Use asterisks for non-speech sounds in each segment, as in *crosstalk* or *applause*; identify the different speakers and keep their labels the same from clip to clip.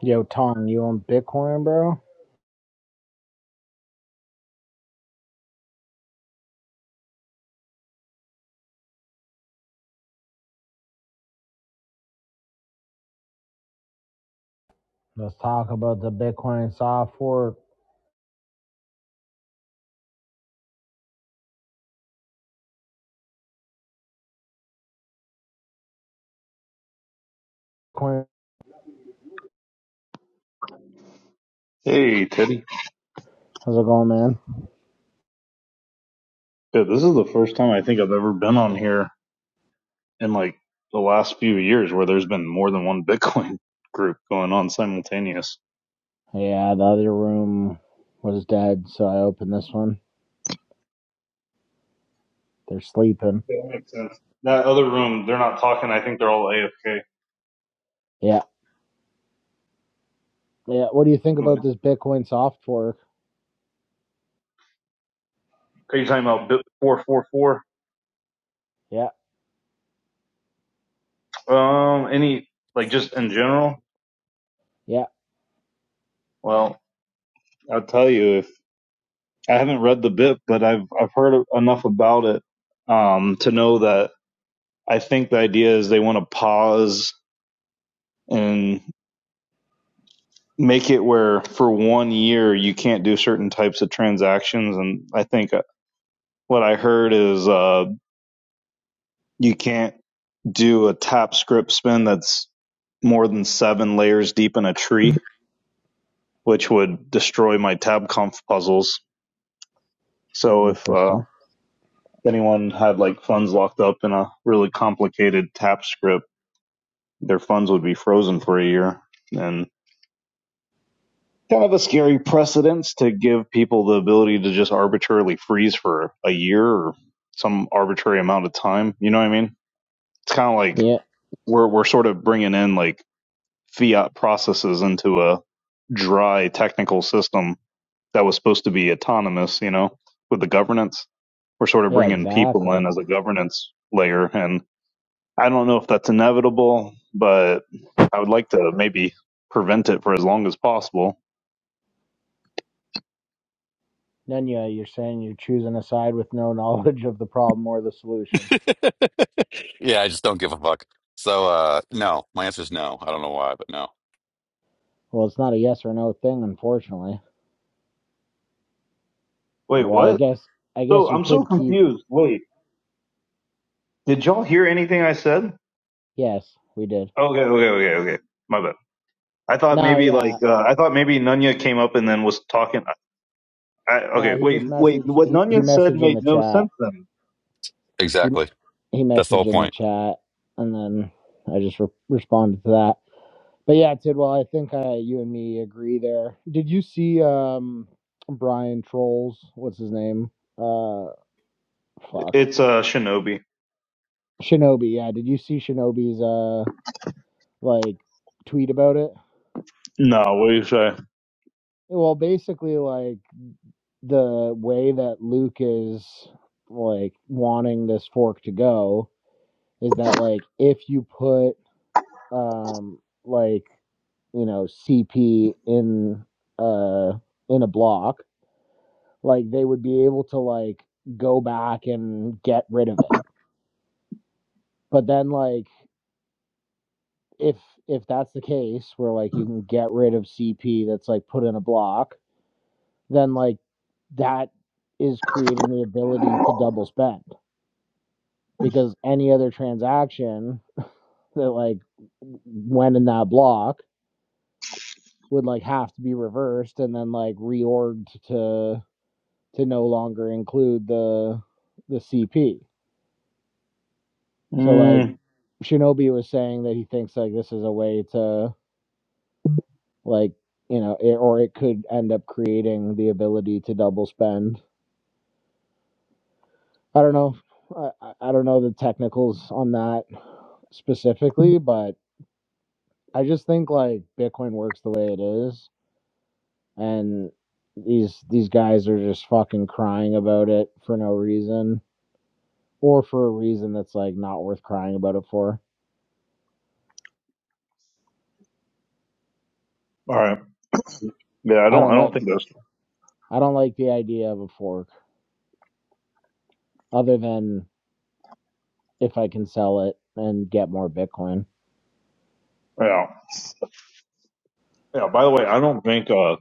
Speaker 1: Yo, Tong, you on Bitcoin, bro? Let's talk about the Bitcoin soft fork. Coin-
Speaker 2: Hey, Teddy.
Speaker 1: How's it going, man?
Speaker 2: Yeah, this is the first time I think I've ever been on here in like the last few years where there's been more than one *laughs* Bitcoin group going on simultaneous.
Speaker 1: Yeah, the other room was dead, so I opened this one. They're sleeping.
Speaker 2: Yeah, that makes sense. That other room, they're not talking. I think they're all AFK.
Speaker 1: Yeah, yeah. What do you think about
Speaker 2: Anyway,
Speaker 1: this Bitcoin soft fork?
Speaker 2: are you talking about Bit four four four?
Speaker 1: Yeah,
Speaker 2: Um, any like just in general?
Speaker 1: yeah.
Speaker 2: Well, I'll tell you if I haven't read the bit, but I've I've heard enough about it um to know that I think the idea is they want to pause and. make it where for one year you can't do certain types of transactions. And I think uh, what I heard is uh, you can't do a tap script spin that's more than seven layers deep in a tree, which would destroy my tab conf puzzles. So if uh,
Speaker 1: Interesting.
Speaker 2: anyone had like funds locked up in a really complicated tap script, their funds would be frozen for a year. and. kind of a scary precedence to give people the ability to just arbitrarily freeze for a year or some arbitrary amount of time. You know what I mean? It's kind of like
Speaker 1: Yeah,
Speaker 2: we're we're sort of bringing in like fiat processes into a dry technical system that was supposed to be autonomous. You know, with the governance, we're sort of
Speaker 1: yeah,
Speaker 2: bringing people
Speaker 1: exactly.
Speaker 2: in as a governance layer, and I don't know if that's inevitable, but I would like to maybe prevent it for as long as possible.
Speaker 1: Nenya, you're saying you're choosing a side with no *laughs* knowledge of the problem or the solution.
Speaker 3: Yeah, I just don't give a fuck. So, uh, no, my answer is no. I don't know why, but no.
Speaker 1: Well, it's not a yes or no thing, unfortunately.
Speaker 2: Wait,
Speaker 1: Well, I
Speaker 2: what?
Speaker 1: guess I guess
Speaker 2: So
Speaker 1: you
Speaker 2: I'm so
Speaker 1: could keep
Speaker 2: confused. Wait, did y'all hear anything I said?
Speaker 1: yes. We did.
Speaker 2: Okay, okay, okay, okay. My bad. I thought
Speaker 1: No,
Speaker 2: maybe
Speaker 1: yeah.
Speaker 2: like uh, I thought maybe Nunya came up and then was talking. I,
Speaker 1: No,
Speaker 2: okay,
Speaker 1: he
Speaker 2: wait,
Speaker 1: just
Speaker 2: wait.
Speaker 1: messaged.
Speaker 2: What
Speaker 1: He he
Speaker 2: Nunya said
Speaker 1: messaged in
Speaker 2: made
Speaker 1: the
Speaker 2: no
Speaker 1: chat.
Speaker 2: sense. Then
Speaker 1: He
Speaker 3: Exactly.
Speaker 1: he
Speaker 3: That's the whole
Speaker 1: messaged in the
Speaker 3: point.
Speaker 1: chat, and then I just re- responded to that. But yeah, Tidwell, I think uh, you and me agree there. Did you see um Brian Trolls? What's his name? Uh, fuck
Speaker 2: it's uh Shinobi.
Speaker 1: Shinobi. Yeah, did you see Shinobi's uh like tweet about it?
Speaker 2: No, what do you say?
Speaker 1: Well, basically, like the way that Luke is like wanting this fork to go is that like if you put um, like you know CP in uh in a block, like they would be able to like go back and get rid of it. But then like if if that's the case where like you can get rid of CP that's like put in a block, then like that is creating the ability to double spend because any other transaction that like went in that block would like have to be reversed and then like reorged to. to no longer include the the CP. So like
Speaker 2: Mm,
Speaker 1: Shinobi was saying that he thinks like this is a way to like you know it, or it could end up creating the ability to double spend. I don't know. I, I I don't know the technicals on that specifically, but I just think like Bitcoin works the way it is, and these these guys are just fucking crying about it for no reason or for a reason that's like not worth crying about it for.
Speaker 2: all right. Yeah, I
Speaker 1: I
Speaker 2: don't.
Speaker 1: don't
Speaker 2: I
Speaker 1: like.
Speaker 2: don't think that's.
Speaker 1: I don't like the idea of a fork, other than if I can sell it and get more Bitcoin.
Speaker 2: Yeah, yeah. By the way, I don't think uh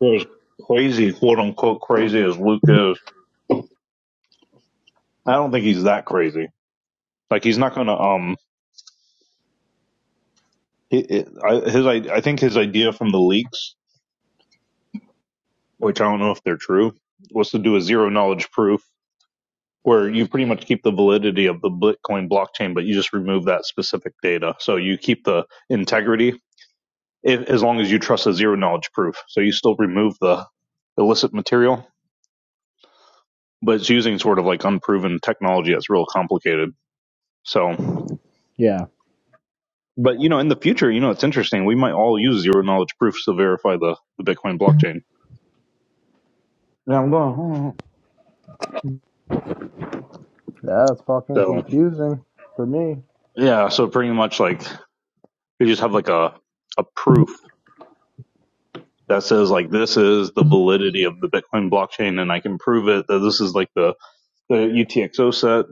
Speaker 2: they're as crazy, quote unquote, crazy as Luke is. I don't think he's that crazy. Like he's not gonna um. He, I, his I, I think his idea from the leaks which I don't know if they're true, was to do a zero knowledge proof where you pretty much keep the validity of the Bitcoin blockchain, but you just remove that specific data. So you keep the integrity if, as long as you trust a zero knowledge proof. So you still remove the illicit material, but it's using sort of like unproven technology that's real complicated. So,
Speaker 1: Yeah.
Speaker 2: but you know, in the future, you know, it's interesting. We might all use zero knowledge proofs to verify the, the Bitcoin blockchain. Yeah, I'm going.
Speaker 1: Yeah, it's fucking
Speaker 2: So
Speaker 1: confusing for me.
Speaker 2: yeah, so pretty much like You just have like a a proof that says like this is the validity of the Bitcoin blockchain, and I can prove it that this is like the the UTXO set,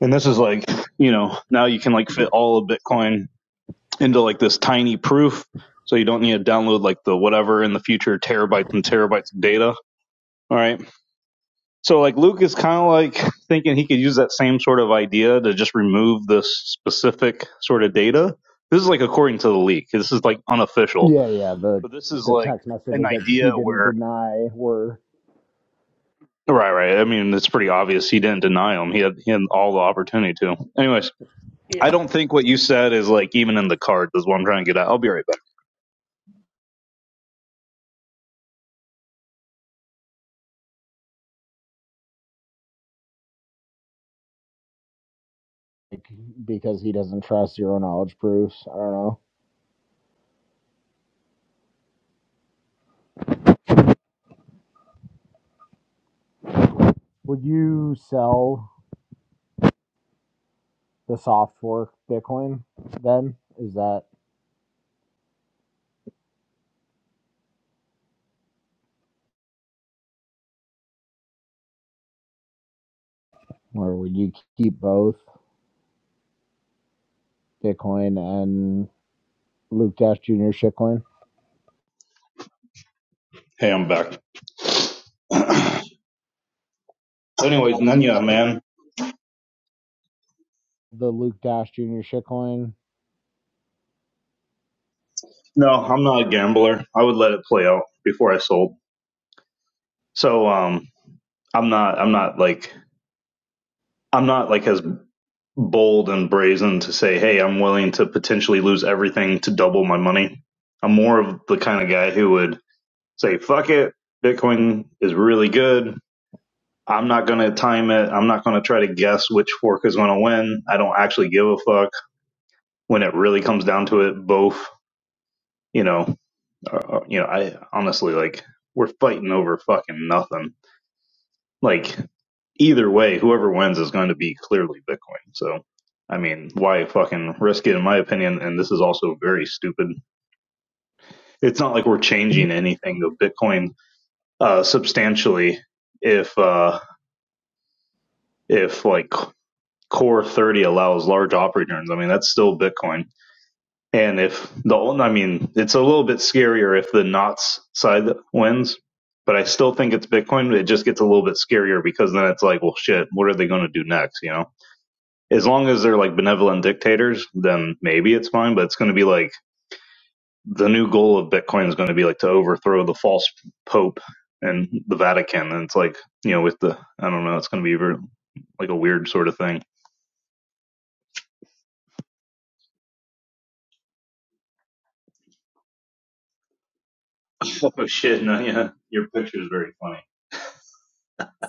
Speaker 2: and this is like you know now you can like fit all of Bitcoin into like this tiny proof, so you don't need to download like the whatever in the future terabytes and terabytes of data. All right, so like Luke is kind of like thinking he could use that same sort of idea to just remove this specific sort of data. This is like according to the leak. This is like unofficial
Speaker 1: Yeah, yeah. The
Speaker 2: But this is
Speaker 1: the
Speaker 2: like
Speaker 1: text
Speaker 2: an
Speaker 1: messages that
Speaker 2: idea
Speaker 1: he didn't
Speaker 2: where.
Speaker 1: deny were
Speaker 2: Right, right. I mean, it's pretty obvious he didn't deny him. He had he had all the opportunity to. Anyways, I don't think what you said is like even in the cards. Is what I'm trying to get at. I'll be right back.
Speaker 1: like, because he doesn't trust zero knowledge proofs. I don't know. Would you sell the soft fork Bitcoin then? Is that or would you keep both Bitcoin and Luke Dash Jr. shitcoin?
Speaker 2: Hey, I'm back. *clears throat* Anyways, Nanya, man.
Speaker 1: The Luke Dash Jr. shitcoin
Speaker 2: No, I'm not a gambler. I would let it play out before I sold. So, um, I'm not. I'm not like. I'm not like as bold and brazen to say, hey, I'm willing to potentially lose everything to double my money. I'm more of the kind of guy who would say, fuck it. Bitcoin is really good. I'm not going to time it. I'm not going to try to guess which fork is going to win. I don't actually give a fuck when it really comes down to it. Both, you know, are, you know, I honestly like we're fighting over fucking nothing. Like either way, whoever wins is going to be clearly Bitcoin. So, I mean, why fucking risk it in my opinion? And this is also very stupid. It's not like we're changing anything of Bitcoin uh, substantially if, uh, if like core 30 allows large op returns i mean that's still bitcoin and if the i mean it's a little bit scarier if the knots side wins but i still think it's bitcoin it just gets a little bit scarier because then it's like well shit what are they going to do next you know as long as they're like benevolent dictators then maybe it's fine but it's going to be like the new goal of bitcoin is going to be like to overthrow the false pope and the vatican and it's like you know with the i don't know it's going to be like a weird sort of thing Oh shit! No, yeah, your picture is very funny.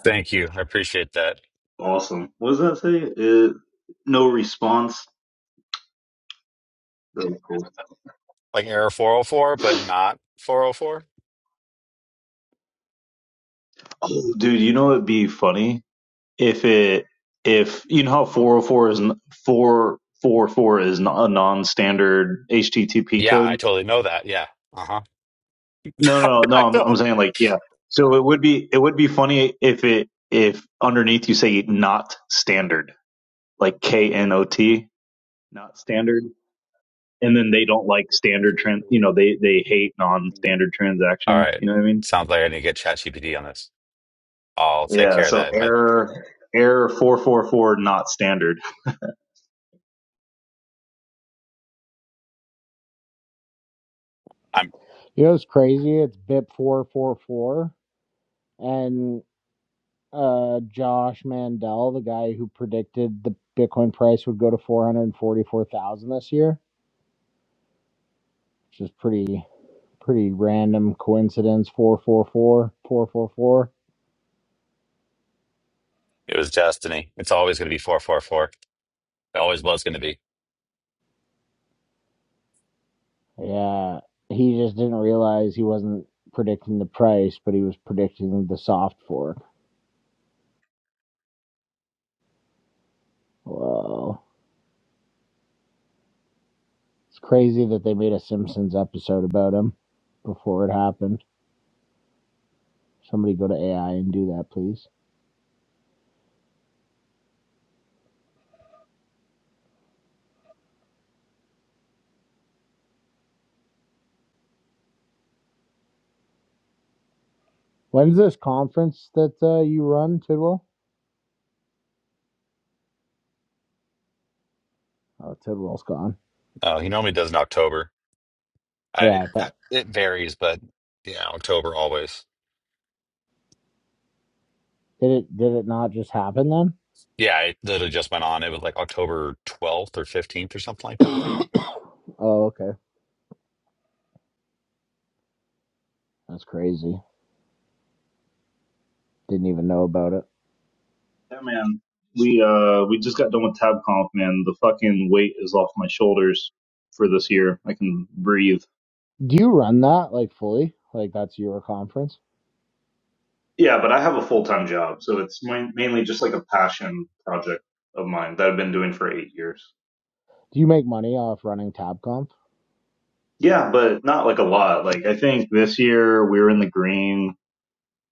Speaker 3: Thank you. I appreciate that.
Speaker 2: Awesome. What does that say? Uh, no response. That was cool.
Speaker 3: Like error 404, but not 404?
Speaker 2: Oh, dude, you know it'd be funny if it if you know how 404 is n- 444 is n- a non-standard HTTP
Speaker 3: Yeah, I
Speaker 2: code.
Speaker 3: totally know that. Yeah. Uh-huh.
Speaker 2: No,
Speaker 3: *laughs*
Speaker 2: no,
Speaker 3: I
Speaker 2: no. I'm, I'm
Speaker 3: don't.
Speaker 2: saying like yeah. So it would be it would be funny if it if underneath you say not standard like K N O T not standard. and then they don't like standard trans you know they they hate non-standard
Speaker 3: All
Speaker 2: transactions
Speaker 3: right.
Speaker 2: you know what i mean
Speaker 3: Sounds like I need to get ChatGPT on this. I'll take
Speaker 2: yeah
Speaker 3: care of
Speaker 2: so
Speaker 3: that. I,
Speaker 2: error error 444 not standard
Speaker 3: I'm.
Speaker 1: You know it's crazy? It's BIP444 and uh, Josh Mandel, the guy who predicted the Bitcoin price would go to 444,000 this year, which is pretty pretty random coincidence 444 444.
Speaker 3: It was destiny. It's always going to be 444. It always was going to be.
Speaker 1: Yeah, he just didn't realize he wasn't predicting the price, but he was predicting the soft fork. Whoa. It's crazy that they made a Simpsons episode about him before it happened. Somebody go to AI and do that, please. When's this conference that uh, you run, Tidwell? Oh, Tidwell's gone.
Speaker 3: Uh, he normally does in October. I
Speaker 1: Yeah, but
Speaker 3: that, It varies, but yeah, October always.
Speaker 1: did it did it not just happen then?
Speaker 3: Yeah, it literally just went on. It was like October 12th or 15th or something like that, I
Speaker 1: *coughs*
Speaker 3: think.
Speaker 1: Oh, okay. That's crazy. Didn't even know about it.
Speaker 2: yeah man we uh we just got done with tabconf man the fucking weight is off my shoulders for this year i can breathe
Speaker 1: Do you run that like fully? Like that's your conference?
Speaker 2: yeah but i have a full-time job so it's mainly just like a passion project of mine that i've been doing for eight years
Speaker 1: Do you make money off running TabConf?
Speaker 2: yeah but not like a lot like i think this year we were in the green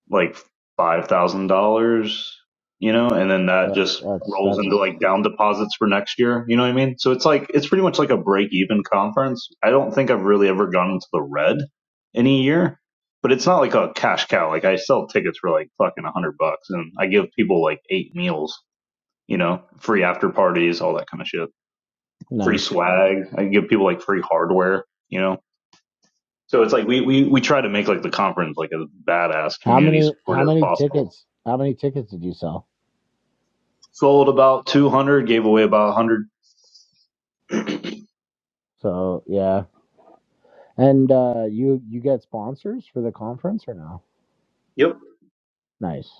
Speaker 2: like five thousand dollars, you know, and then that
Speaker 1: Uh,
Speaker 2: just
Speaker 1: that's
Speaker 2: rolls
Speaker 1: that's
Speaker 2: into like down deposits for next year. You know what I mean? So it's like it's pretty much like a break even conference. I don't think I've really ever gone into the red any year, but it's not like a cash cow. Like I sell tickets for like fucking a hundred bucks, and I give people like eight meals, you know, free after parties, all that kind of shit, free
Speaker 1: nice.
Speaker 2: swag. I give people like free hardware, you know. So it's like we, we, we try to make like the conference like as badass
Speaker 1: How
Speaker 2: community
Speaker 1: many how
Speaker 2: supported as
Speaker 1: many
Speaker 2: possible.
Speaker 1: tickets how many tickets did you sell?
Speaker 2: Sold about 200, gave away about 100. *clears throat*
Speaker 1: So yeah, and uh, you you get sponsors for the conference or no?
Speaker 2: Yep.
Speaker 1: Nice.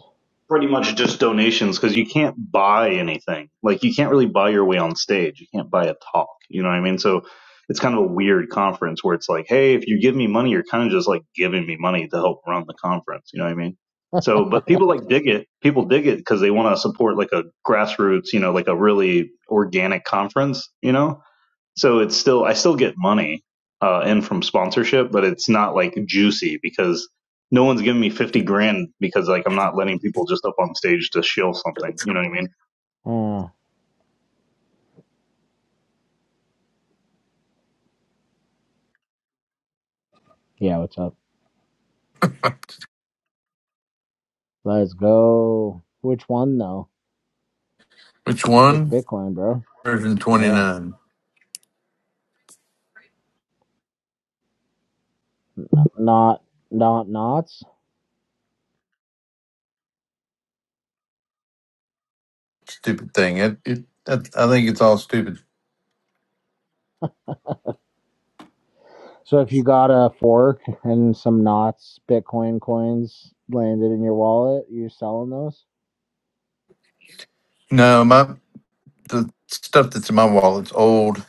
Speaker 2: Pretty much just donations because you can't buy anything. Like, you can't really buy your way on stage. You can't buy a talk. You know what I mean? So it's kind of a weird conference where it's like, hey, if you give me money, you're kind of just like giving me money to help run the conference. You know what I mean? So, but people like dig it. People dig it because they want to support like a grassroots, you know, like a really organic conference, you know? So it's still I still get money uh in from sponsorship, but it's not like juicy because no one's giving me 50 grand because like I'm not letting people just up on stage to shill something, you know what I mean?
Speaker 1: Uh, yeah, what's up? Let's go. Which one though?
Speaker 4: Which
Speaker 1: Which
Speaker 4: one?
Speaker 1: Bitcoin, bro?
Speaker 4: Version twenty
Speaker 1: Yeah.
Speaker 4: nine.
Speaker 1: Not not knots.
Speaker 4: Stupid thing. It, it, it. I think it's all stupid.
Speaker 1: So if you got a fork and some knots Bitcoin coins landed in your wallet, you're selling those?
Speaker 4: No, my the stuff that's in my wallet's old.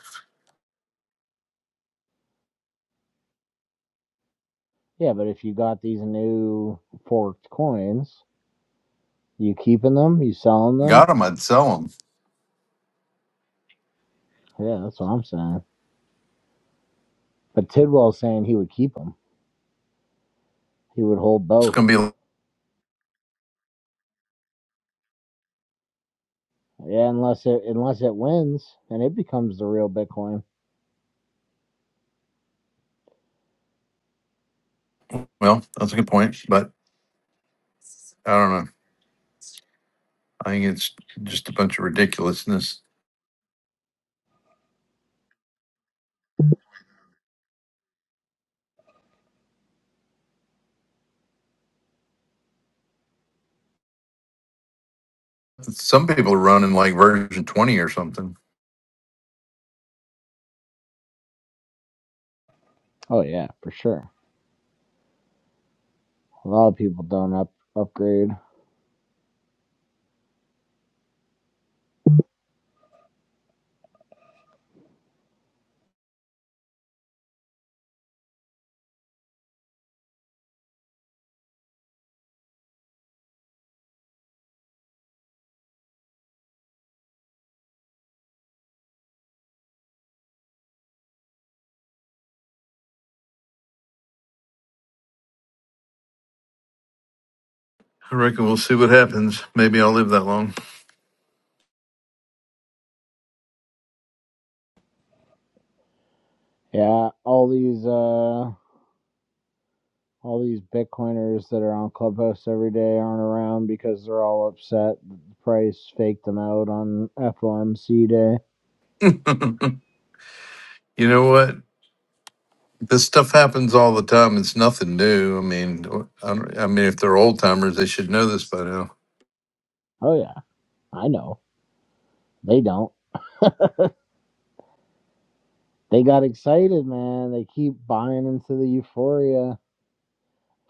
Speaker 1: Yeah, but if you got these new forked coins, you keeping them? You selling them?
Speaker 4: Got them. I'd sell them.
Speaker 1: Yeah, that's what I'm saying. But Tidwell's saying he would keep them. He would hold
Speaker 4: It's
Speaker 1: both.
Speaker 4: gonna be
Speaker 1: Yeah, unless it unless it wins and it becomes the real Bitcoin.
Speaker 4: well. That's a good point, but I don't know. I think it's just a bunch of ridiculousness. Some people are running like version twenty or something.
Speaker 1: Oh yeah, for sure. A lot of people don't up upgrade.
Speaker 4: I reckon we'll see what happens. Maybe I'll live that long.
Speaker 1: Yeah, all these uh all these Bitcoiners that are on Clubhouse every day aren't around because they're all upset that the price faked them out on FOMC day.
Speaker 4: *laughs* you know what? This stuff happens all the time. It's nothing new. I mean, I, don't, I mean, if they're old timers, they should know this by now.
Speaker 1: Oh yeah, I know. They don't. They got excited, man. They keep buying into the euphoria.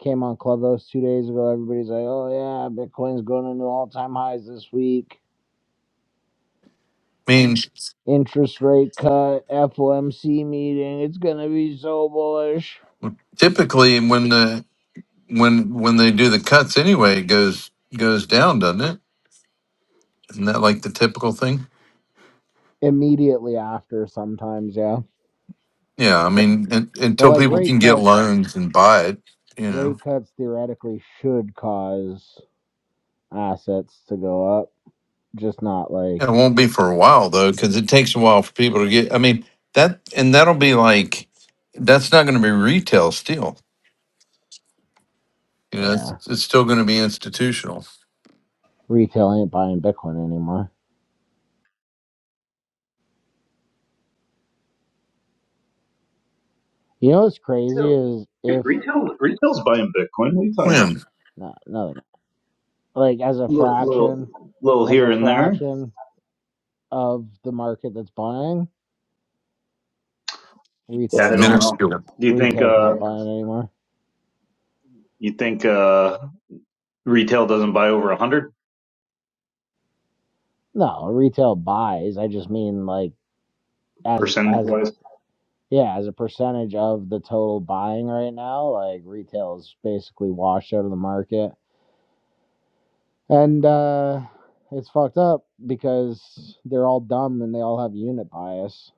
Speaker 1: Came on Clubhouse two days ago. Everybody's like, "Oh yeah, Bitcoin's going into all-time highs this week.
Speaker 4: I mean,
Speaker 1: Interest rate cut, FOMC meeting. It's gonna be so bullish."
Speaker 4: Typically, when the when when they do the cuts anyway, it goes goes down, doesn't it? Isn't that like the typical thing?
Speaker 1: immediately after sometimes, yeah.
Speaker 4: Yeah, I mean, un
Speaker 1: But
Speaker 4: until
Speaker 1: like
Speaker 4: people
Speaker 1: rate
Speaker 4: can get
Speaker 1: cuts,
Speaker 4: loans and buy it, you know,
Speaker 1: rate cuts theoretically should cause assets to go up, just not like,
Speaker 4: it won't be for a while though, because it takes a while for people to get. I mean, that and that'll be like that's not going to be retail still. You know, it's,
Speaker 1: yeah,
Speaker 4: it's still going to be institutional.
Speaker 1: retail ain't buying Bitcoin anymore. You know what's crazy is
Speaker 2: Retail,
Speaker 1: if,
Speaker 2: retail retail's buying Bitcoin. What are you talking about?
Speaker 4: When
Speaker 1: not nothing, like as a
Speaker 2: Little, little,
Speaker 1: fraction,
Speaker 2: little
Speaker 1: as a
Speaker 2: here and there.
Speaker 1: fraction of the market that's buying,
Speaker 2: Yeah, I
Speaker 1: retail's
Speaker 2: don't
Speaker 1: not,
Speaker 2: know.
Speaker 4: minuscule,
Speaker 2: Do you think
Speaker 1: retail's not
Speaker 2: uh
Speaker 1: buying anymore.
Speaker 2: you think uh retail doesn't buy over 100
Speaker 1: No, retail buys. I just mean like, as
Speaker 2: percentage
Speaker 1: as.
Speaker 2: wise?
Speaker 1: Yeah, as a percentage of the total buying right now, like retail is basically washed out of the market. And uh it's fucked up because they're all dumb and they all have unit bias.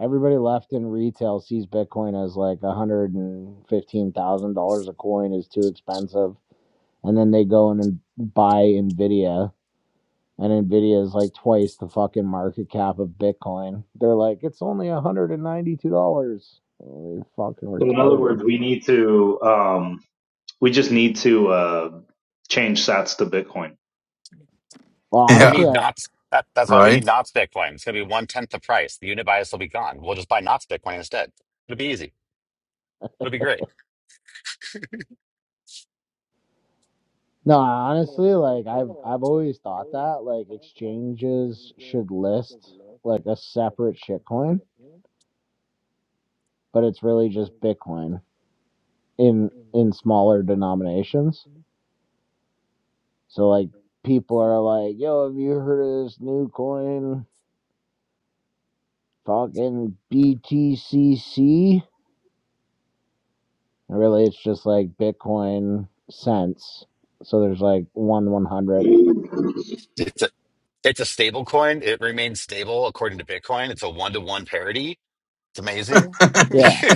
Speaker 1: Everybody left in retail sees Bitcoin as like $115,000 a coin is too expensive. And then they go in and buy Nvidia and Nvidia is like twice the fucking market cap of Bitcoin. They're like it's only $192. Oh, they're fucking
Speaker 2: So in other
Speaker 1: retarded.
Speaker 2: words, we need to um, we just need to uh, change Sats to Bitcoin.
Speaker 1: Well,
Speaker 3: We
Speaker 4: yeah,
Speaker 1: honestly,
Speaker 3: need
Speaker 1: I
Speaker 3: knots. That, that's why we
Speaker 4: right.
Speaker 3: need knots Bitcoin. It's going to be one tenth the price. The unit bias will be gone. We'll just buy knots Bitcoin instead. It'll be easy. It'll be great.
Speaker 1: no, honestly, like I've I've always thought that like exchanges should list like a separate shitcoin, but it's really just Bitcoin in in smaller denominations. So like people are like, "Yo, have you heard of this new coin, fucking BTCC?" And really, it's just like Bitcoin cents. So there's like one one hundredth.
Speaker 2: Dude,
Speaker 3: It's a, it's a stable coin. It remains stable according to Bitcoin. It's a one to one parity. It's amazing.
Speaker 1: Yeah,
Speaker 3: *laughs*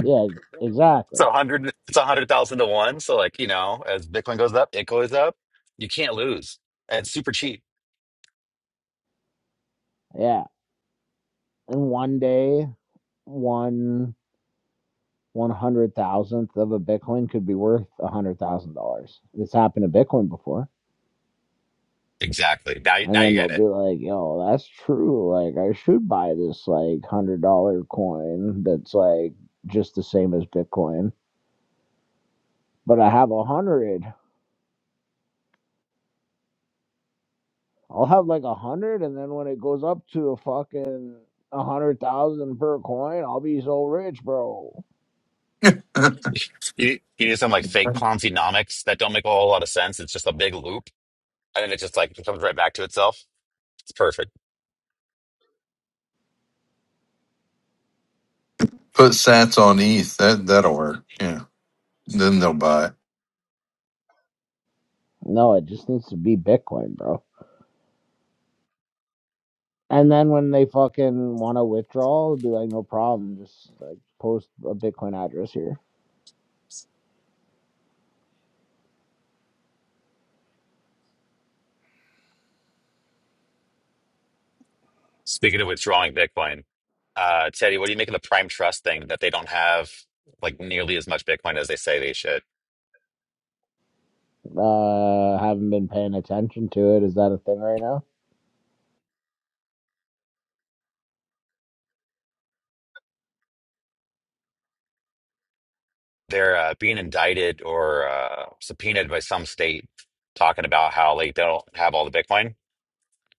Speaker 1: yeah,
Speaker 3: It's
Speaker 1: exactly.
Speaker 3: a hundred. It's a hundred thousand to one. So like you know, as Bitcoin goes up, it goes up. You can't lose. And it's super cheap.
Speaker 1: Yeah, and one day one one hundred thousandth of a Bitcoin could be worth a hundred thousand dollars. It's happened to Bitcoin before.
Speaker 3: Exactly. Now, you-
Speaker 1: And
Speaker 3: now you
Speaker 1: then they'll
Speaker 3: get
Speaker 1: be
Speaker 3: it.
Speaker 1: like, yo, that's true. Like I should buy this like one hundred dollar coin that's like just the same as Bitcoin. But I have a hundred. I'll have like a hundred and then when it goes up to a fucking a hundred thousand per coin, I'll be so rich, bro.
Speaker 4: *laughs* Put
Speaker 3: You, you need some like fake Ponzi-nomics that don't make a whole lot of sense. It's just a big loop, and then it just like comes right back to itself. It's perfect.
Speaker 4: Sats on ETH. That that'll work. Yeah, then they'll buy it.
Speaker 1: No, it just needs to be Bitcoin, bro. And then when they fucking want to withdraw, it'd be like, no problem. Just like post a Bitcoin address here.
Speaker 3: Speaking of withdrawing Bitcoin, uh, Teddy, what do you make of the Prime Trust thing that they don't have like nearly as much Bitcoin as they say they should?
Speaker 1: Uh, haven't been paying attention to it. Is that a thing right
Speaker 3: They're uh, being indicted or uh, subpoenaed by some state talking about how like they don't have all the Bitcoin,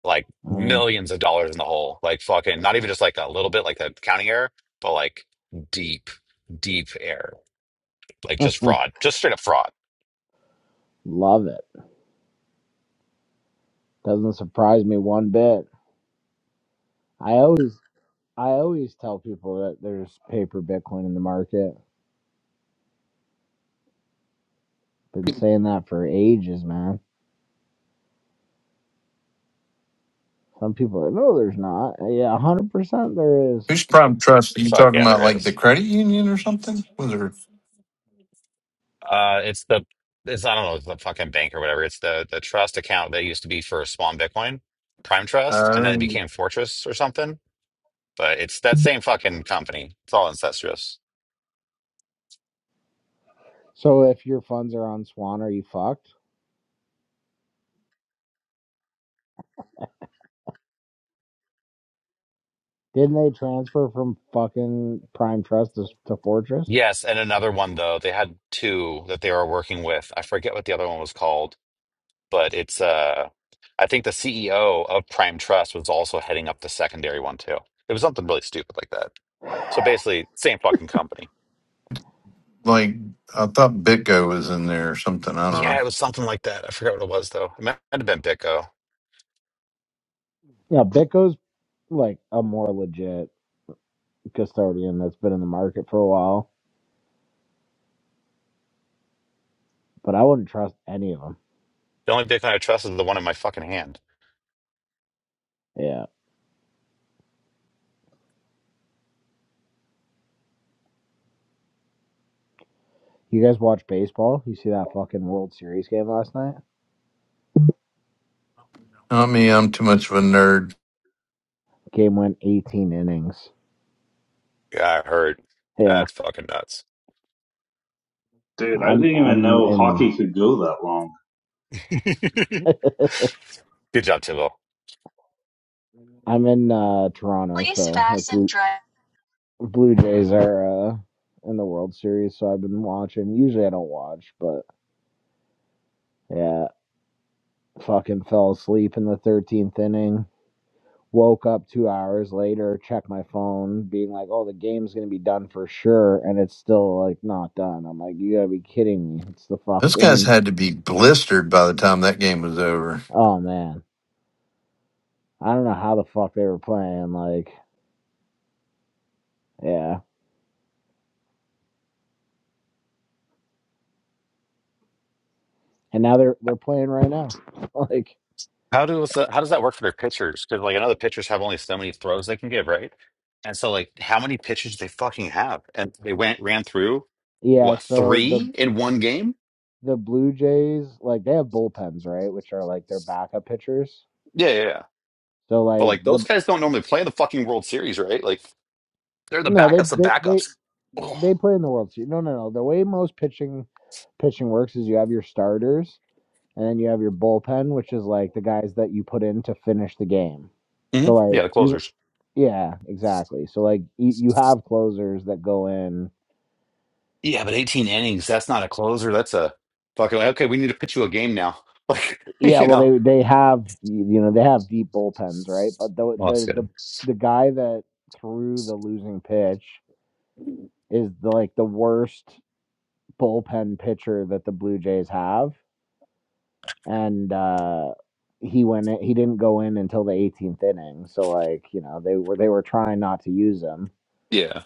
Speaker 3: like
Speaker 1: now?
Speaker 3: millions of dollars in the hole, like fucking not even just like a little bit, like a counting error, but like deep, deep error, like just
Speaker 1: Uh,
Speaker 3: fraud, just straight up fraud.
Speaker 1: *laughs* love it. Doesn't surprise me one bit. I always, I always tell people that there's paper Bitcoin in the market. Been saying that for ages, man. Some people are, like, no, there's not. Yeah, one hundred percent there is.
Speaker 4: Who's prime trust? Are you
Speaker 3: Fuck
Speaker 4: talking
Speaker 3: yeah,
Speaker 4: about
Speaker 3: there
Speaker 4: like
Speaker 3: is.
Speaker 4: the credit union or something? Was there
Speaker 3: Uh, it's the it's I don't know it's the fucking bank or whatever. It's the the trust account that used to be for Swan Bitcoin, Prime Trust, and then
Speaker 4: uh,
Speaker 3: it became Fortress or something. But it's that same fucking company. It's all incestuous.
Speaker 1: So if your funds are on Swan, are you fucked? Didn't they transfer from fucking Prime Trust to, to Fortress?
Speaker 3: Yes, and another one though. They had two that they were working with. I forget what the other one was called, but it's uh, I think the CEO of Prime Trust was also heading up the secondary one too. It was something really stupid like that.
Speaker 1: Yeah,
Speaker 3: So basically, same fucking company.
Speaker 4: like I thought Bitgo was in there or something? I don't
Speaker 3: Yeah,
Speaker 4: know.
Speaker 3: it was something like that. I forget what it was though. It might might have been BitGo.
Speaker 1: Bitco's like a more legit custodian that's been in the market for a while, but I wouldn't trust any of them.
Speaker 3: The only Bitcoin I trust is the one in my fucking hand.
Speaker 1: Yeah. You guys watch baseball? You see that fucking World Series game last night?
Speaker 4: Not me. I'm too much of a nerd.
Speaker 1: Game went 18 innings.
Speaker 3: Yeah, I heard.
Speaker 1: Yeah.
Speaker 3: That's fucking nuts.
Speaker 2: I didn't
Speaker 1: I'm
Speaker 2: even
Speaker 1: I'm
Speaker 2: know
Speaker 1: in
Speaker 2: hockey could go that long.
Speaker 3: *laughs* Good job, Tibble.
Speaker 1: I'm in uh Toronto,
Speaker 3: Please
Speaker 1: so the
Speaker 3: fasten
Speaker 1: Blue,
Speaker 3: dry.
Speaker 1: Blue Jays are uh in the World Series, so I've been watching. Usually I don't watch, but yeah, Fucking fell asleep in the 13th inning. Woke up two hours later, checked my phone, being like, oh, the game's going to be done for sure. And it's still like not done. I'm like, you gotta be kidding me. It's the
Speaker 4: Those guys
Speaker 1: fucking,
Speaker 4: had to be blistered by the time that game was over.
Speaker 1: oh man. I don't know how the fuck they were playing. Like, yeah. And now they're they're playing right now. *laughs* like,
Speaker 3: How does that, how does that work for their pitchers? Because like I know the pitchers have only so many throws they can give, right? And so like how many pitches do they fucking have? And they went ran through
Speaker 1: yeah,
Speaker 3: what
Speaker 1: so the
Speaker 3: three in one game?
Speaker 1: the Blue Jays, like they have bullpens, right? Which are like their backup pitchers.
Speaker 3: Yeah, yeah, yeah.
Speaker 1: So
Speaker 3: But
Speaker 1: like
Speaker 3: like
Speaker 1: the
Speaker 3: those guys don't normally play in the fucking World Series, right? Like They're the
Speaker 1: No, they
Speaker 3: backups of
Speaker 1: they they
Speaker 3: backups. Oh.
Speaker 1: they play in the World Series. No, no, no. The way most pitching pitching works is you have your starters and then you have your bullpen, which is like the guys that you put in to finish the game.
Speaker 3: hmm
Speaker 1: So like
Speaker 3: Yeah, the
Speaker 1: you
Speaker 3: closers.
Speaker 1: yeah, exactly. So like you, you have closers that go in.
Speaker 3: Yeah, but 18 innings, that's not a closer. That's a fucking, okay, we need to pitch you a game now. *laughs* Like,
Speaker 1: Yeah,
Speaker 3: you
Speaker 1: well
Speaker 3: know?
Speaker 1: they they have you know, they have deep bullpens, right? But the
Speaker 3: Well, that's
Speaker 1: the the,
Speaker 3: good.
Speaker 1: the guy that threw the losing pitch is the, like the worst bullpen pitcher that the Blue Jays have and uh, he went. in- He didn't go in until the 18th inning. So like you know they were they were trying not to use him.
Speaker 3: Yeah.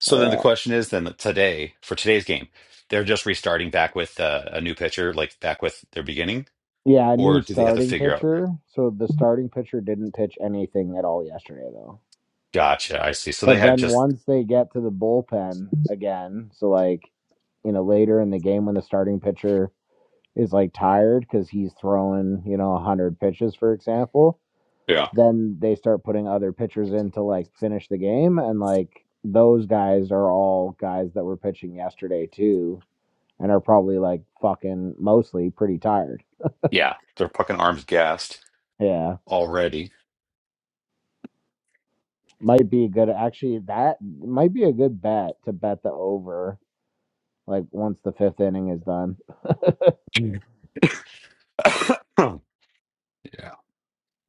Speaker 3: So then the
Speaker 1: Uh,
Speaker 3: question is then today, for today's game, they're just restarting back with uh, a new pitcher, like back with their beginning,
Speaker 1: yeah,
Speaker 3: or
Speaker 1: new
Speaker 3: do they have to
Speaker 1: starting
Speaker 3: figure out?
Speaker 1: pitcher. So the starting pitcher didn't pitch anything at all yesterday though.
Speaker 3: Gotcha. I see. So they
Speaker 1: But
Speaker 3: have
Speaker 1: then
Speaker 3: just,
Speaker 1: once they get to the bullpen again, so like you know later in the game when the starting pitcher is like tired because he's throwing you know 100 pitches for example
Speaker 3: yeah,
Speaker 1: then they start putting other pitchers in to like finish the game and like those guys are all guys that were pitching yesterday too and are probably like fucking mostly pretty tired
Speaker 3: yeah, their fucking arms gassed
Speaker 1: yeah
Speaker 3: already.
Speaker 1: might be a good actually that might be a good bet to bet the over like once the fifth inning is done
Speaker 3: *coughs* yeah.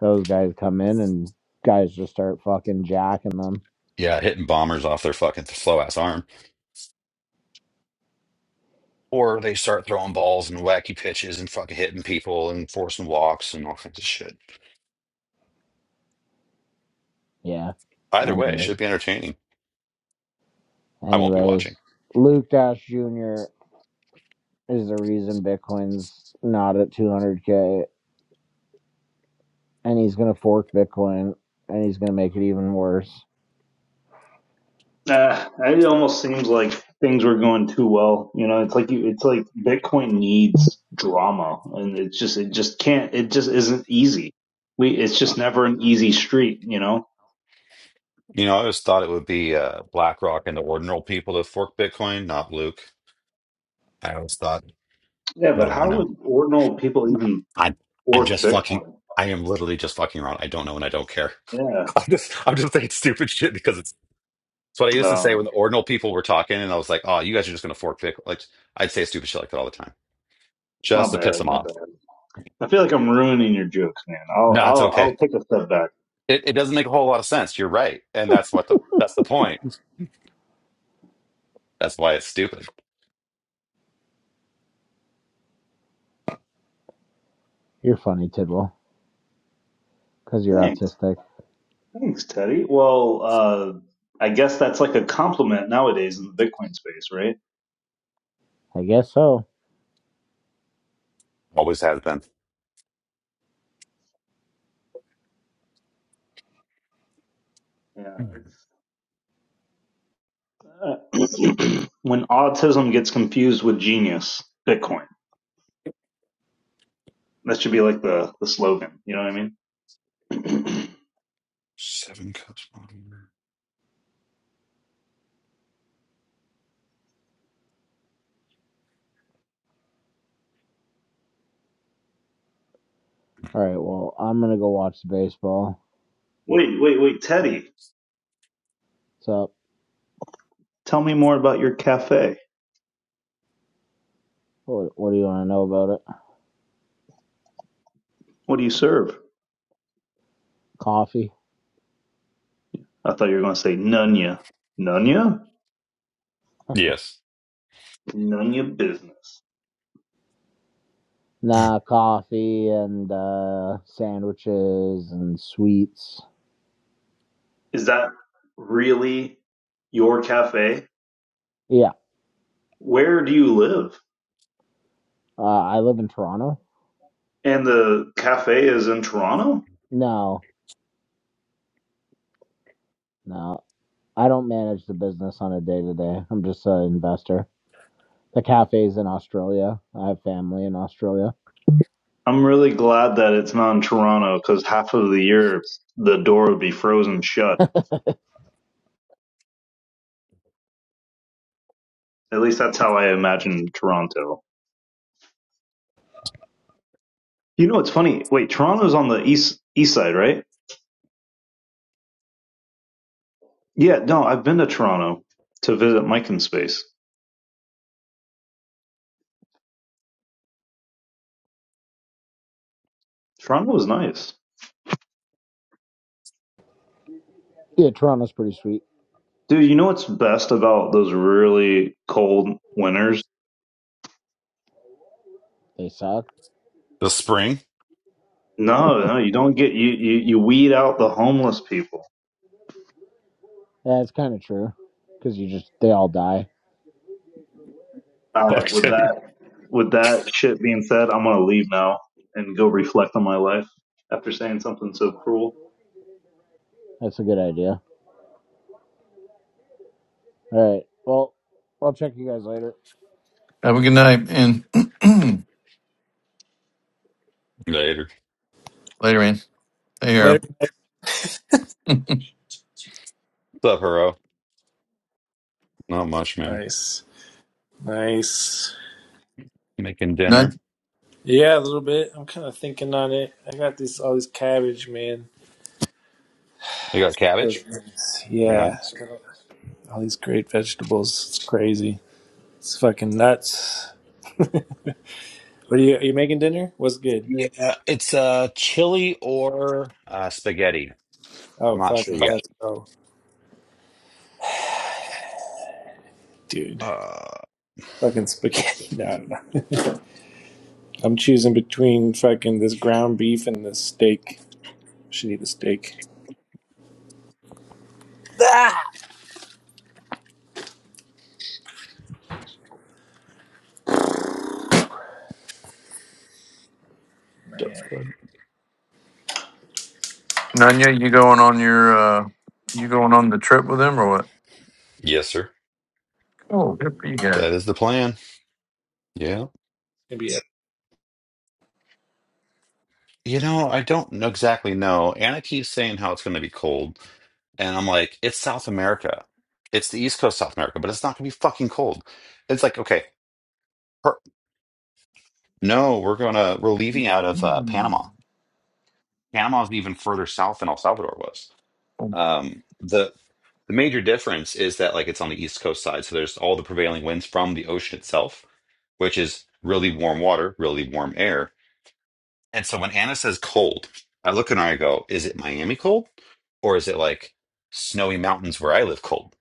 Speaker 1: those guys come in and guys just start fucking jacking them
Speaker 3: Yeah, hitting bombers off their fucking slow ass arm. Or they start throwing balls and wacky pitches and fucking hitting people and forcing walks and all kinds of shit.
Speaker 1: yeah
Speaker 3: Either way, it should
Speaker 1: anyways
Speaker 3: be entertaining. I won't be watching.
Speaker 1: anyways luke dash jr is the reason bitcoin's not at 200k and he's going to fork Bitcoin and he's going to make it even worse.
Speaker 2: Uh, it almost seems like things were going too well. You know, it's like you, it's like Bitcoin needs drama, and it's just it just can't it just isn't easy. We it's just never an easy street. You know.
Speaker 3: You know, I always thought it would be uh, BlackRock and the ordinary people to fork Bitcoin, not Luke. I always thought,
Speaker 2: Yeah,
Speaker 3: what
Speaker 2: but
Speaker 3: do I
Speaker 2: how
Speaker 3: know?
Speaker 2: would ordinal people even
Speaker 3: I I'm
Speaker 2: fork
Speaker 3: just fucking.
Speaker 2: Bitcoin?
Speaker 3: I am literally just fucking around. I don't know and I don't care.
Speaker 2: Yeah.
Speaker 3: *laughs* I'm just I'm just thinking stupid shit because it's it's what I used to say
Speaker 2: uh,
Speaker 3: when the ordinal people were talking, and I was like, oh, you guys are just gonna fork Bitcoin. Like I'd say stupid shit like that all the time,
Speaker 2: My
Speaker 3: just to
Speaker 2: bad,
Speaker 3: piss them
Speaker 2: my
Speaker 3: off.
Speaker 2: bad. I feel like I'm ruining your jokes, man. I'll
Speaker 3: No, it's
Speaker 2: I'll
Speaker 3: okay.
Speaker 2: I'll take a step back.
Speaker 3: It, it doesn't make a whole lot of sense. You're right, and that's what the that's the point. That's why it's stupid.
Speaker 1: You're funny, Tidwell, because you're
Speaker 2: Thanks.
Speaker 1: autistic.
Speaker 2: Thanks, Teddy. Well, uh I guess that's like a compliment nowadays in the Bitcoin space, right?
Speaker 1: I guess so.
Speaker 3: Always has been.
Speaker 2: Yeah. it's- uh, *clears throat* when autism gets confused with genius, Bitcoin. That should be like the the slogan, you know what I mean? *clears throat*
Speaker 3: Seven cups. right.
Speaker 1: All right, well, I'm going to go watch the baseball.
Speaker 2: wait, wait, wait, Teddy.
Speaker 1: What's up?
Speaker 2: Tell me more about your cafe.
Speaker 1: What, what do you want to know about it?
Speaker 2: What do you serve?
Speaker 1: Coffee?
Speaker 2: I thought you were going to say Nunya. Nunya?
Speaker 3: Yes,
Speaker 2: Nunya business.
Speaker 1: Nah, coffee and uh, sandwiches and sweets.
Speaker 2: Is that really your cafe?
Speaker 1: Yeah,
Speaker 2: Where do you live?
Speaker 1: uh, I live in Toronto.
Speaker 2: And the cafe is in Toronto?
Speaker 1: No, no, I don't manage the business on a day to day. I'm just an investor. The cafe's in Australia. I have family in Australia.
Speaker 2: I'm really glad that it's not in Toronto because half of the year the door would be frozen shut. At least that's how I imagine Toronto. You know, it's funny. Wait, Toronto's on the east east side, right? Yeah, no, I've been to Toronto to visit Mike in Space. Toronto is nice.
Speaker 1: Yeah, Toronto's pretty sweet.
Speaker 2: Dude, you know what's best about those really cold winters?
Speaker 1: They suck
Speaker 3: the spring. *laughs*
Speaker 2: No, no, you don't get you, you you weed out the homeless people.
Speaker 1: Yeah, it's kind of true, because you just they all die.
Speaker 2: All right, with
Speaker 3: Okay.
Speaker 2: that with that shit being said, I'm gonna leave now and go reflect on my life after saying something so cruel.
Speaker 1: That's a good idea. All right. Well, I'll check you guys later.
Speaker 4: Have a good night and *clears throat*
Speaker 3: Later.
Speaker 4: later, man. Hey,
Speaker 5: Later.
Speaker 4: Arrow.
Speaker 3: What's up, Hero? Not much, man.
Speaker 5: Nice. Nice.
Speaker 3: Making dinner.
Speaker 4: None,
Speaker 5: Yeah, a little bit. I'm kind of thinking on it. I got this all this cabbage, man.
Speaker 3: You got
Speaker 5: Oh,
Speaker 3: cabbage?
Speaker 5: nice.
Speaker 3: Very
Speaker 5: Yeah, I
Speaker 3: nice.
Speaker 5: got all these great vegetables. It's crazy. It's fucking nuts. *laughs* What are you? Are you making dinner? What's good?
Speaker 3: Yeah, it's uh ch- or Uh, spaghetti. I'm
Speaker 5: Oh,
Speaker 3: not sure
Speaker 5: fucking
Speaker 3: yet.
Speaker 5: let's go, dude. Fucking spaghetti. *laughs* No, no. no. I'm choosing between fucking this ground beef and this steak. Should eat the steak. Man, it's
Speaker 4: none You going on your? uh You going on the trip with them or what?
Speaker 3: Yes, sir.
Speaker 4: Oh, good for you guys.
Speaker 3: That is the plan. Yeah.
Speaker 5: gonna be. a-
Speaker 3: You know, I don't know exactly know. Anna keeps saying how it's going to be cold, and I'm like, it's South America. It's the East Coast South America, but it's not going to be fucking cold. It's like, okay, per- no, we're going to we're leaving out of uh,
Speaker 4: Hmm.
Speaker 3: Panama. Panama's even further south than El Salvador was.
Speaker 4: Oh,
Speaker 3: Um, the the major difference is that like it's on the East Coast side, so there's all the prevailing winds from the ocean itself, which is really warm water, really warm air And so when Anna says cold, I look at her and I go, is it Miami cold? Or is it like snowy mountains where I live cold?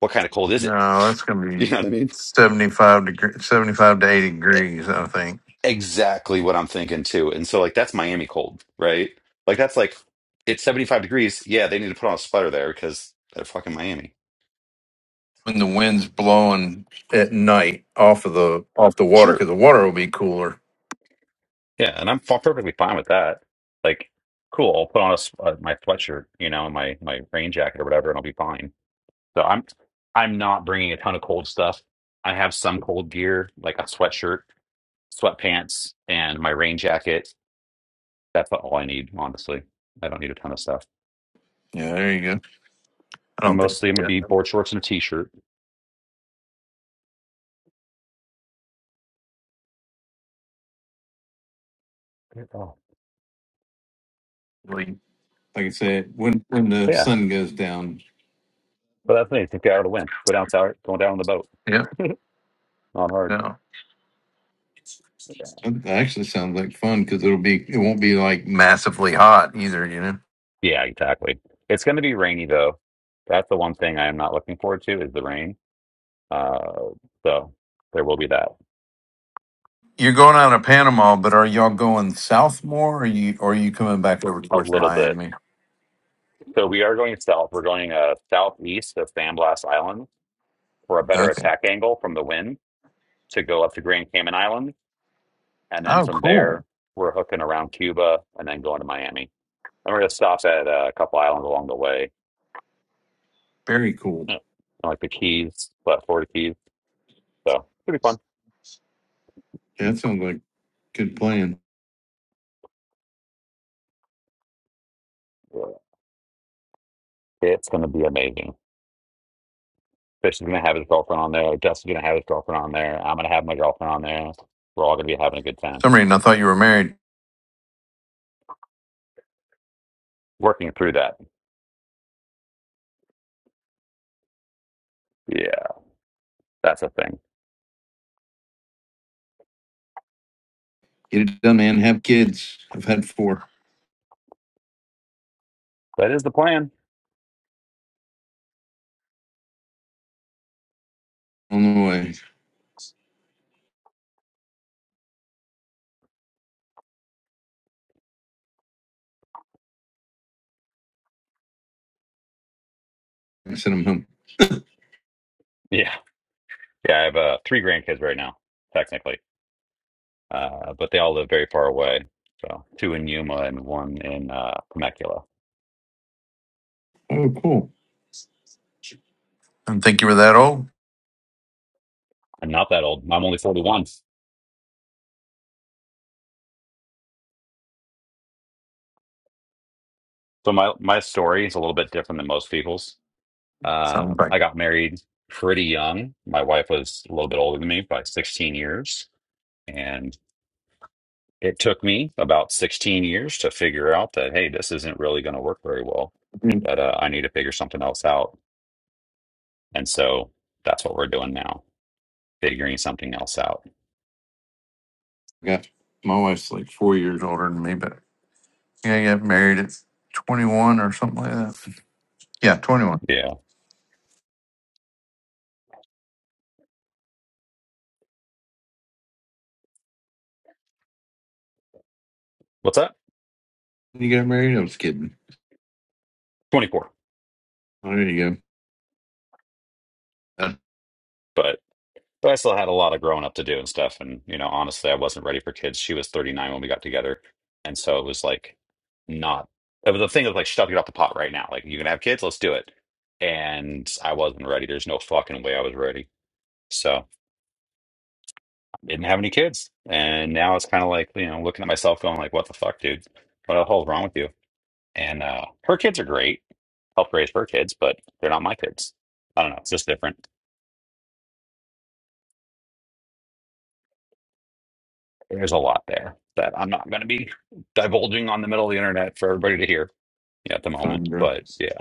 Speaker 3: What kind of cold is it? *laughs*
Speaker 4: No, that's gonna be
Speaker 3: You know what I mean?
Speaker 4: seventy-five degree, seventy-five to eighty
Speaker 3: E-
Speaker 4: degrees. I think.
Speaker 3: Exactly what I'm thinking too. And so like that's Miami cold, right? Like that's like it's 75 degrees. Yeah, they need to put on a sweater there because they're fucking Miami.
Speaker 4: when the wind's blowing at night off of the off the water because
Speaker 3: Sure.
Speaker 4: the water will be cooler.
Speaker 3: Yeah, and I'm f- perfectly fine with that. Like, cool. I'll put on a, s- uh, my sweatshirt, you know, and my my rain jacket or whatever, and I'll be fine So I'm I'm not bringing a ton of cold stuff. I have some cold gear, like a sweatshirt, sweatpants, and my rain jacket. That's all I need, honestly. I don't need a ton of stuff.
Speaker 4: Yeah, there you go. I
Speaker 3: And
Speaker 4: don't think.
Speaker 3: mostly I'm gonna
Speaker 4: Yeah.
Speaker 3: be board shorts and a t-shirt. Oh,
Speaker 4: Really. Like I said, when when the
Speaker 3: yeah.
Speaker 4: sun goes down,
Speaker 3: Well, that's me. Take it out of the wind. Go down, tower, go down on the boat,
Speaker 4: Yep.
Speaker 3: not hard.
Speaker 4: Yeah. No. that actually sounds like fun because it'll be it won't be like Massively hot either. You know.
Speaker 3: Yeah, exactly. It's going to be rainy though. That's the one thing I am not looking forward to is the rain. Uh, so there will be that
Speaker 4: You're going out of Panama, but are y'all going south more, or you or are you coming back over
Speaker 3: a
Speaker 4: towards
Speaker 3: little bit.
Speaker 4: Miami?
Speaker 3: So we are going south. We're going uh, southeast of Sandblast Island for a better
Speaker 4: Okay.
Speaker 3: attack angle from the wind to go up to Grand Cayman Island. And then
Speaker 4: Oh,
Speaker 3: from
Speaker 4: cool.
Speaker 3: there, we're hooking around Cuba and then going to Miami. And we're going to stop at uh, a couple islands along the way,
Speaker 4: very cool.
Speaker 3: Yeah. like the Keys, but Florida Keys. So it'll be fun.
Speaker 4: Yeah, that sounds like good plan.
Speaker 3: It's going to be amazing. Fish is going to have his girlfriend on there. Dustin's going to have his girlfriend on there. I'm going to have my girlfriend on there. We're all going to be having a good
Speaker 4: For
Speaker 3: time
Speaker 4: Some reason I thought you were married.
Speaker 3: working through that. Yeah, that's a thing.
Speaker 4: Get it done, man. Have kids. I've had four
Speaker 3: That is the plan.
Speaker 4: on the way. I sent them home.
Speaker 3: Yeah. Yeah, I have uh, three grandkids right now, technically, uh, but they all live very far away. So two in Yuma and one in uh, Temecula.
Speaker 4: Oh, cool. And think you were that old?
Speaker 3: I'm not that old. I'm only 41. So my, my story is a little bit different than most people's.
Speaker 4: Sounds
Speaker 3: Um,
Speaker 4: like.
Speaker 3: I got married pretty young. My wife was a little bit older than me by 16 years. And it took me about 16 years to figure out that, hey, this isn't really going to work very well,
Speaker 4: Yeah.
Speaker 3: that uh, I need to figure something else out And so that's what we're doing now, figuring something else out.
Speaker 4: I Got my wife's like four years older than me, but Yeah, you got married at 21 or something like that. Yeah, 21.
Speaker 3: Yeah. What's that?
Speaker 4: you got married. I was kidding.
Speaker 3: 24.
Speaker 4: Oh, there you go. That's
Speaker 3: But but I still had a lot of growing up to do and stuff. And you know, honestly, I wasn't ready for kids. She was 39 when we got together. And so it was like not it was the thing of like shut it off the pot right now. Like you can have kids, let's do it. And I wasn't ready. There's no fucking way I was ready. So I didn't have any kids. And now it's kind of like, you know, looking at myself going like, what the fuck, dude? What the hell's wrong with you? And uh, her kids are great. Helped raise her kids, but they're not my kids. I don't know. It's just different. There's a lot there that I'm not going to be divulging on the middle of the internet for everybody to hear at the moment.
Speaker 4: Fine, bro.
Speaker 3: But yeah,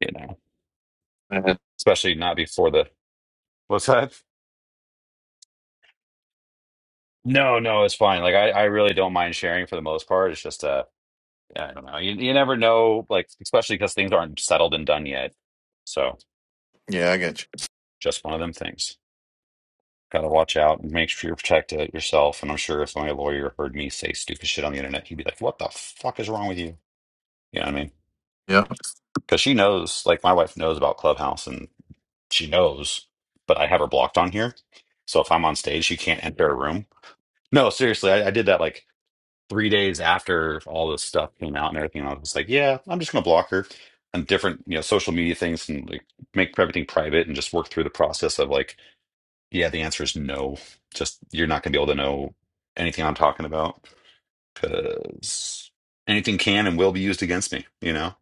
Speaker 3: you know,
Speaker 4: Uh,
Speaker 3: especially not before the. What's that? No, no, it's fine. Like I, I really don't mind sharing for the most part. It's just uh, I don't know. You, you never know, like especially because things aren't settled and done yet. So
Speaker 4: Yeah, I got you.
Speaker 3: just one of them things. Got to watch out and make sure you protect it yourself. And I'm sure if my lawyer heard me say stupid shit on the internet, he'd be like, "What the fuck is wrong with you?" You know what I mean?
Speaker 4: Yeah,
Speaker 3: Because she knows, like my wife knows about Clubhouse, and she knows, but I have her blocked on here. So if I'm on stage, she can't enter a room. No, seriously, I, I did that like three days after all this stuff came out and everything. I was like, yeah, I'm just gonna block her and different, you know, social media things and like make everything private and just work through the process of like yeah, the answer is no. Just you're not going to be able to know anything I'm talking about because anything can and will be used against me, you know?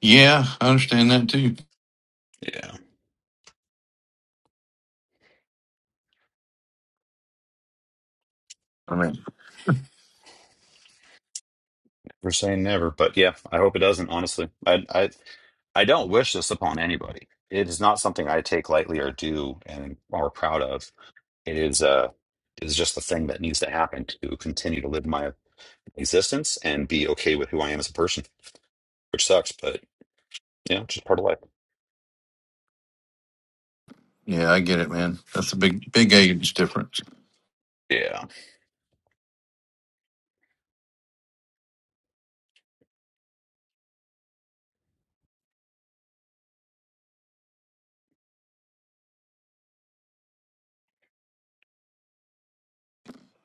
Speaker 4: yeah, I understand that too.
Speaker 3: Yeah.
Speaker 4: I mean,
Speaker 3: We're saying never, but yeah, I hope it doesn't, honestly. I I I don't wish this upon anybody. It is not something I take lightly or do and are proud of. It is uh it is just the thing that needs to happen to continue to live my existence and be okay with who I am as a person, which sucks, but yeah, it's just part of life.
Speaker 4: yeah, I get it, man. That's a big, big age difference.
Speaker 3: Yeah.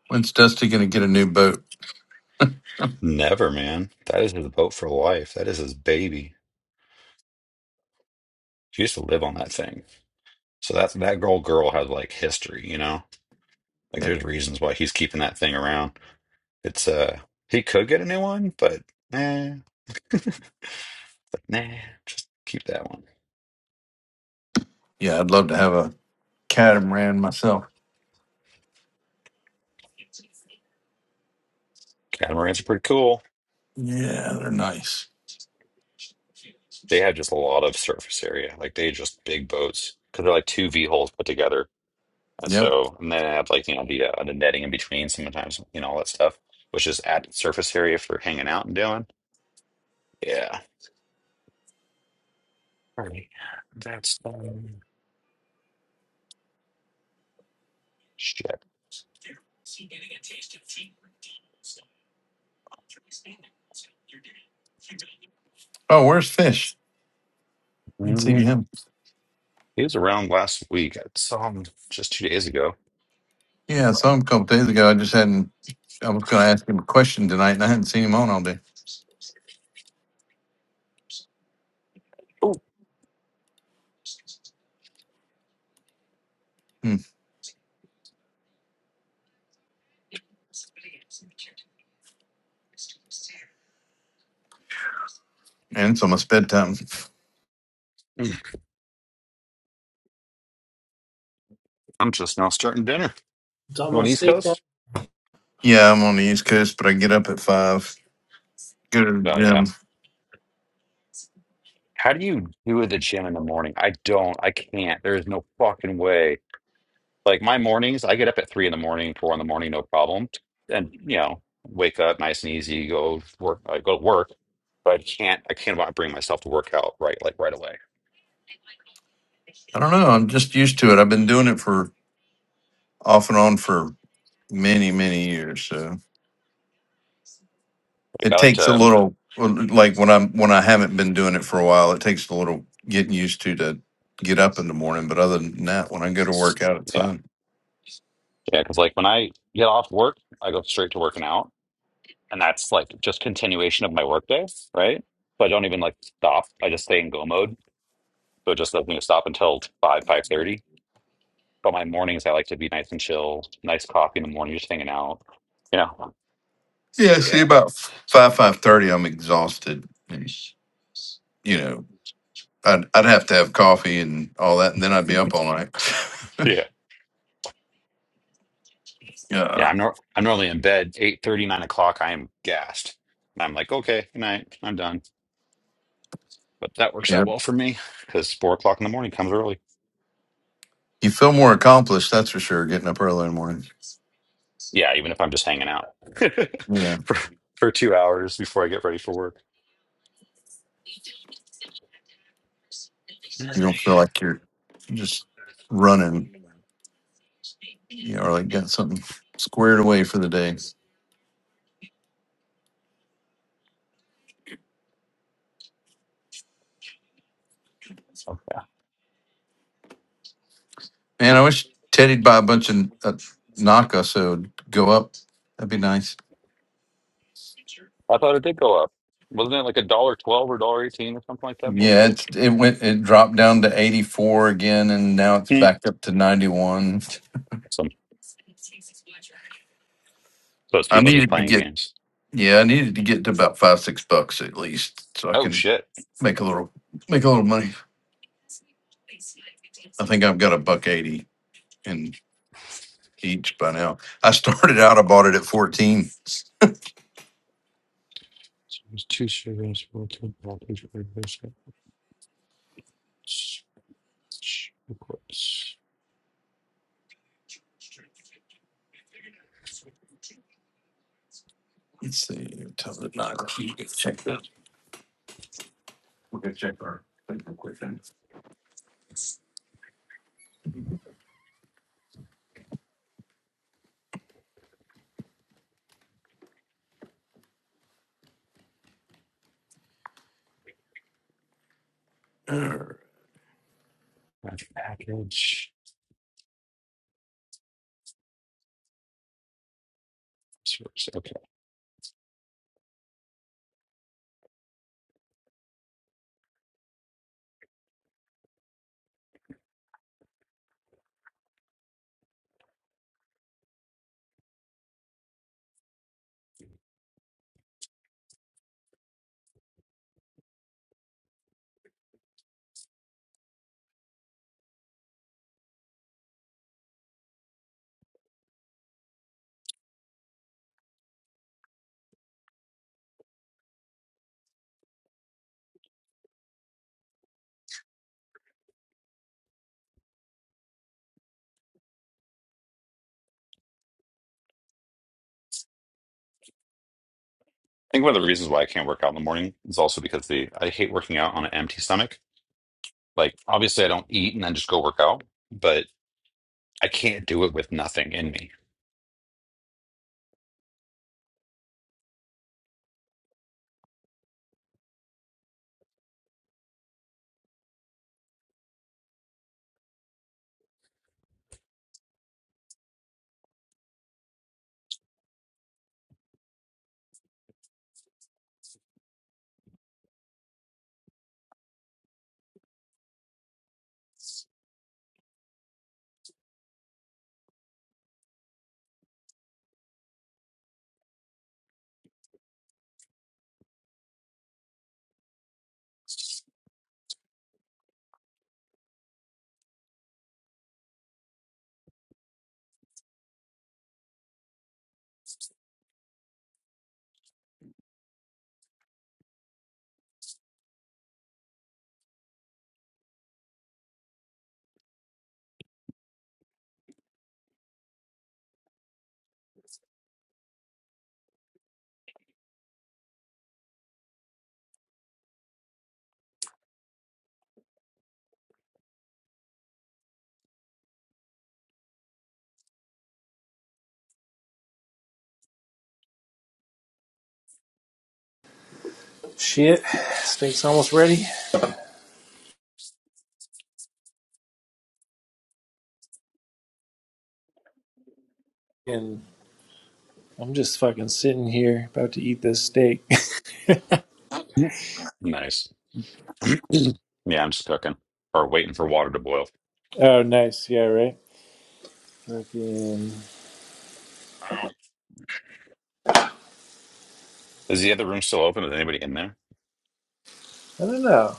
Speaker 4: When's Dusty going to get a new boat?
Speaker 3: Never, man. That is his boat for life. That is his baby. She used to live on that thing. So that that girl girl has like history, you know? Like
Speaker 4: Yeah,
Speaker 3: there's reasons why he's keeping that thing around. It's uh he could get a new one, but nah. *laughs* But nah, just keep that one.
Speaker 4: yeah, I'd love to have a catamaran myself.
Speaker 3: Catamarans are pretty cool.
Speaker 4: Yeah, they're nice.
Speaker 3: They have just a lot of surface area. Like they just big boats because they're like two V holes put together. And
Speaker 4: Yep.
Speaker 3: so, and then they have like, you know, the, uh, the netting in between sometimes, you know, all that stuff, which is added surface area for hanging out and doing. Yeah. All right.
Speaker 4: Oh, where's Fish? I haven't seen
Speaker 3: Mm,
Speaker 4: him.
Speaker 3: He was around last week. I saw him just two days ago.
Speaker 4: Yeah, I
Speaker 3: But,
Speaker 4: saw him a couple days ago. I just hadn't. I was going to ask him a question tonight, and I hadn't seen him on all day. Hmm. And it's almost bedtime.
Speaker 3: mm, I'm just now starting dinner.
Speaker 5: It's
Speaker 3: You on
Speaker 5: almost
Speaker 3: East
Speaker 5: steak time.
Speaker 3: Coast?
Speaker 4: Yeah, I'm on the East Coast, but I get up at five. Go to the
Speaker 3: Oh yeah.
Speaker 4: gym.
Speaker 3: How do you do the gym in the morning? I don't. I can't. There is no fucking way. Like my mornings, I get up at three in the morning, four in the morning, no problem. And you know, wake up nice and easy, go work. I go to work, but I can't. I can't bring myself to work out right like right away.
Speaker 4: I don't know. I'm just used to it. I've been doing it for off and on for many, many years. So.
Speaker 3: Like I
Speaker 4: It
Speaker 3: like
Speaker 4: takes a
Speaker 3: to.
Speaker 4: little, like when I'm when I haven't been doing it for a while, it takes a little getting used to to get up in the morning. But other than that, when I go to work out, it's
Speaker 3: Yeah,
Speaker 4: fun.
Speaker 3: yeah. Because like when I get off work, I go straight to working out and that's like just continuation of my workday, right? So I don't even like stop. I just stay in go mode. So it just doesn't even stop until five, five thirty. But my mornings I like to be nice and chill, nice coffee in the morning, just hanging out. You know.
Speaker 4: Yeah, see,
Speaker 3: Yeah.
Speaker 4: about five five thirty, I'm exhausted. and, You know, I'd I'd have to have coffee and all that, and then I'd
Speaker 3: *laughs*
Speaker 4: be up all night. *laughs*
Speaker 3: Yeah. Yeah.
Speaker 4: yeah,
Speaker 3: I'm nor I'm normally in bed eight thirty, nine o'clock. I am gassed. And I'm like, okay, good night. I'm done. But that works
Speaker 4: yeah.
Speaker 3: out well for me because four o'clock in the morning comes early.
Speaker 4: You feel more accomplished, that's for sure. Getting up early in the morning.
Speaker 3: Yeah, even if I'm just hanging out *laughs*
Speaker 4: Yeah,
Speaker 3: for for two hours before I get ready for work.
Speaker 4: you don't
Speaker 3: Alrighty.
Speaker 4: feel like you're just running Yeah, or already got something squared away for the day.
Speaker 3: Okay.
Speaker 4: Man, I wish Teddy'd buy a bunch of uh, Naka so it'd go up. That'd be nice.
Speaker 3: I thought it did go up. Wasn't it like a dollar twelve or dollar eighteen or something like that bullshit?
Speaker 4: Yeah, it's, it went it dropped down to 84 again and now it's
Speaker 3: Hmm.
Speaker 4: back up to 91.
Speaker 3: Some those
Speaker 4: I
Speaker 3: people just
Speaker 4: needed to
Speaker 3: playing
Speaker 4: get
Speaker 3: games.
Speaker 4: yeah, I needed to get to about 5 6 bucks at least so I
Speaker 3: Oh
Speaker 4: can
Speaker 3: shit! I
Speaker 4: make a little make a little money. I think I've got a buck 80 in each by now. I started out I bought it at 14. Let's see, tell the. Check that. We're gonna check our. thing real quick then.
Speaker 3: think one of the reasons why I can't work out in the morning is also because the I hate working out on an empty stomach. Like obviously I don't eat and then just go work out, but I can't do it with nothing in me.
Speaker 5: Shit, steak's almost ready. And I'm just fucking sitting here about to eat this steak.
Speaker 3: Nice. Yeah, I'm just cooking or waiting for water to boil.
Speaker 5: *laughs* oh, nice. Yeah, right. Fucking.
Speaker 3: Ow. Is the other room still open? Is anybody in there?
Speaker 5: I don't know.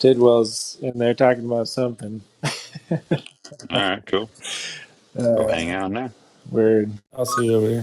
Speaker 5: Tidwell's in there talking about something.
Speaker 3: All right, cool. Go
Speaker 5: Uh,
Speaker 3: hang out now.
Speaker 5: weird. I'll see you over here.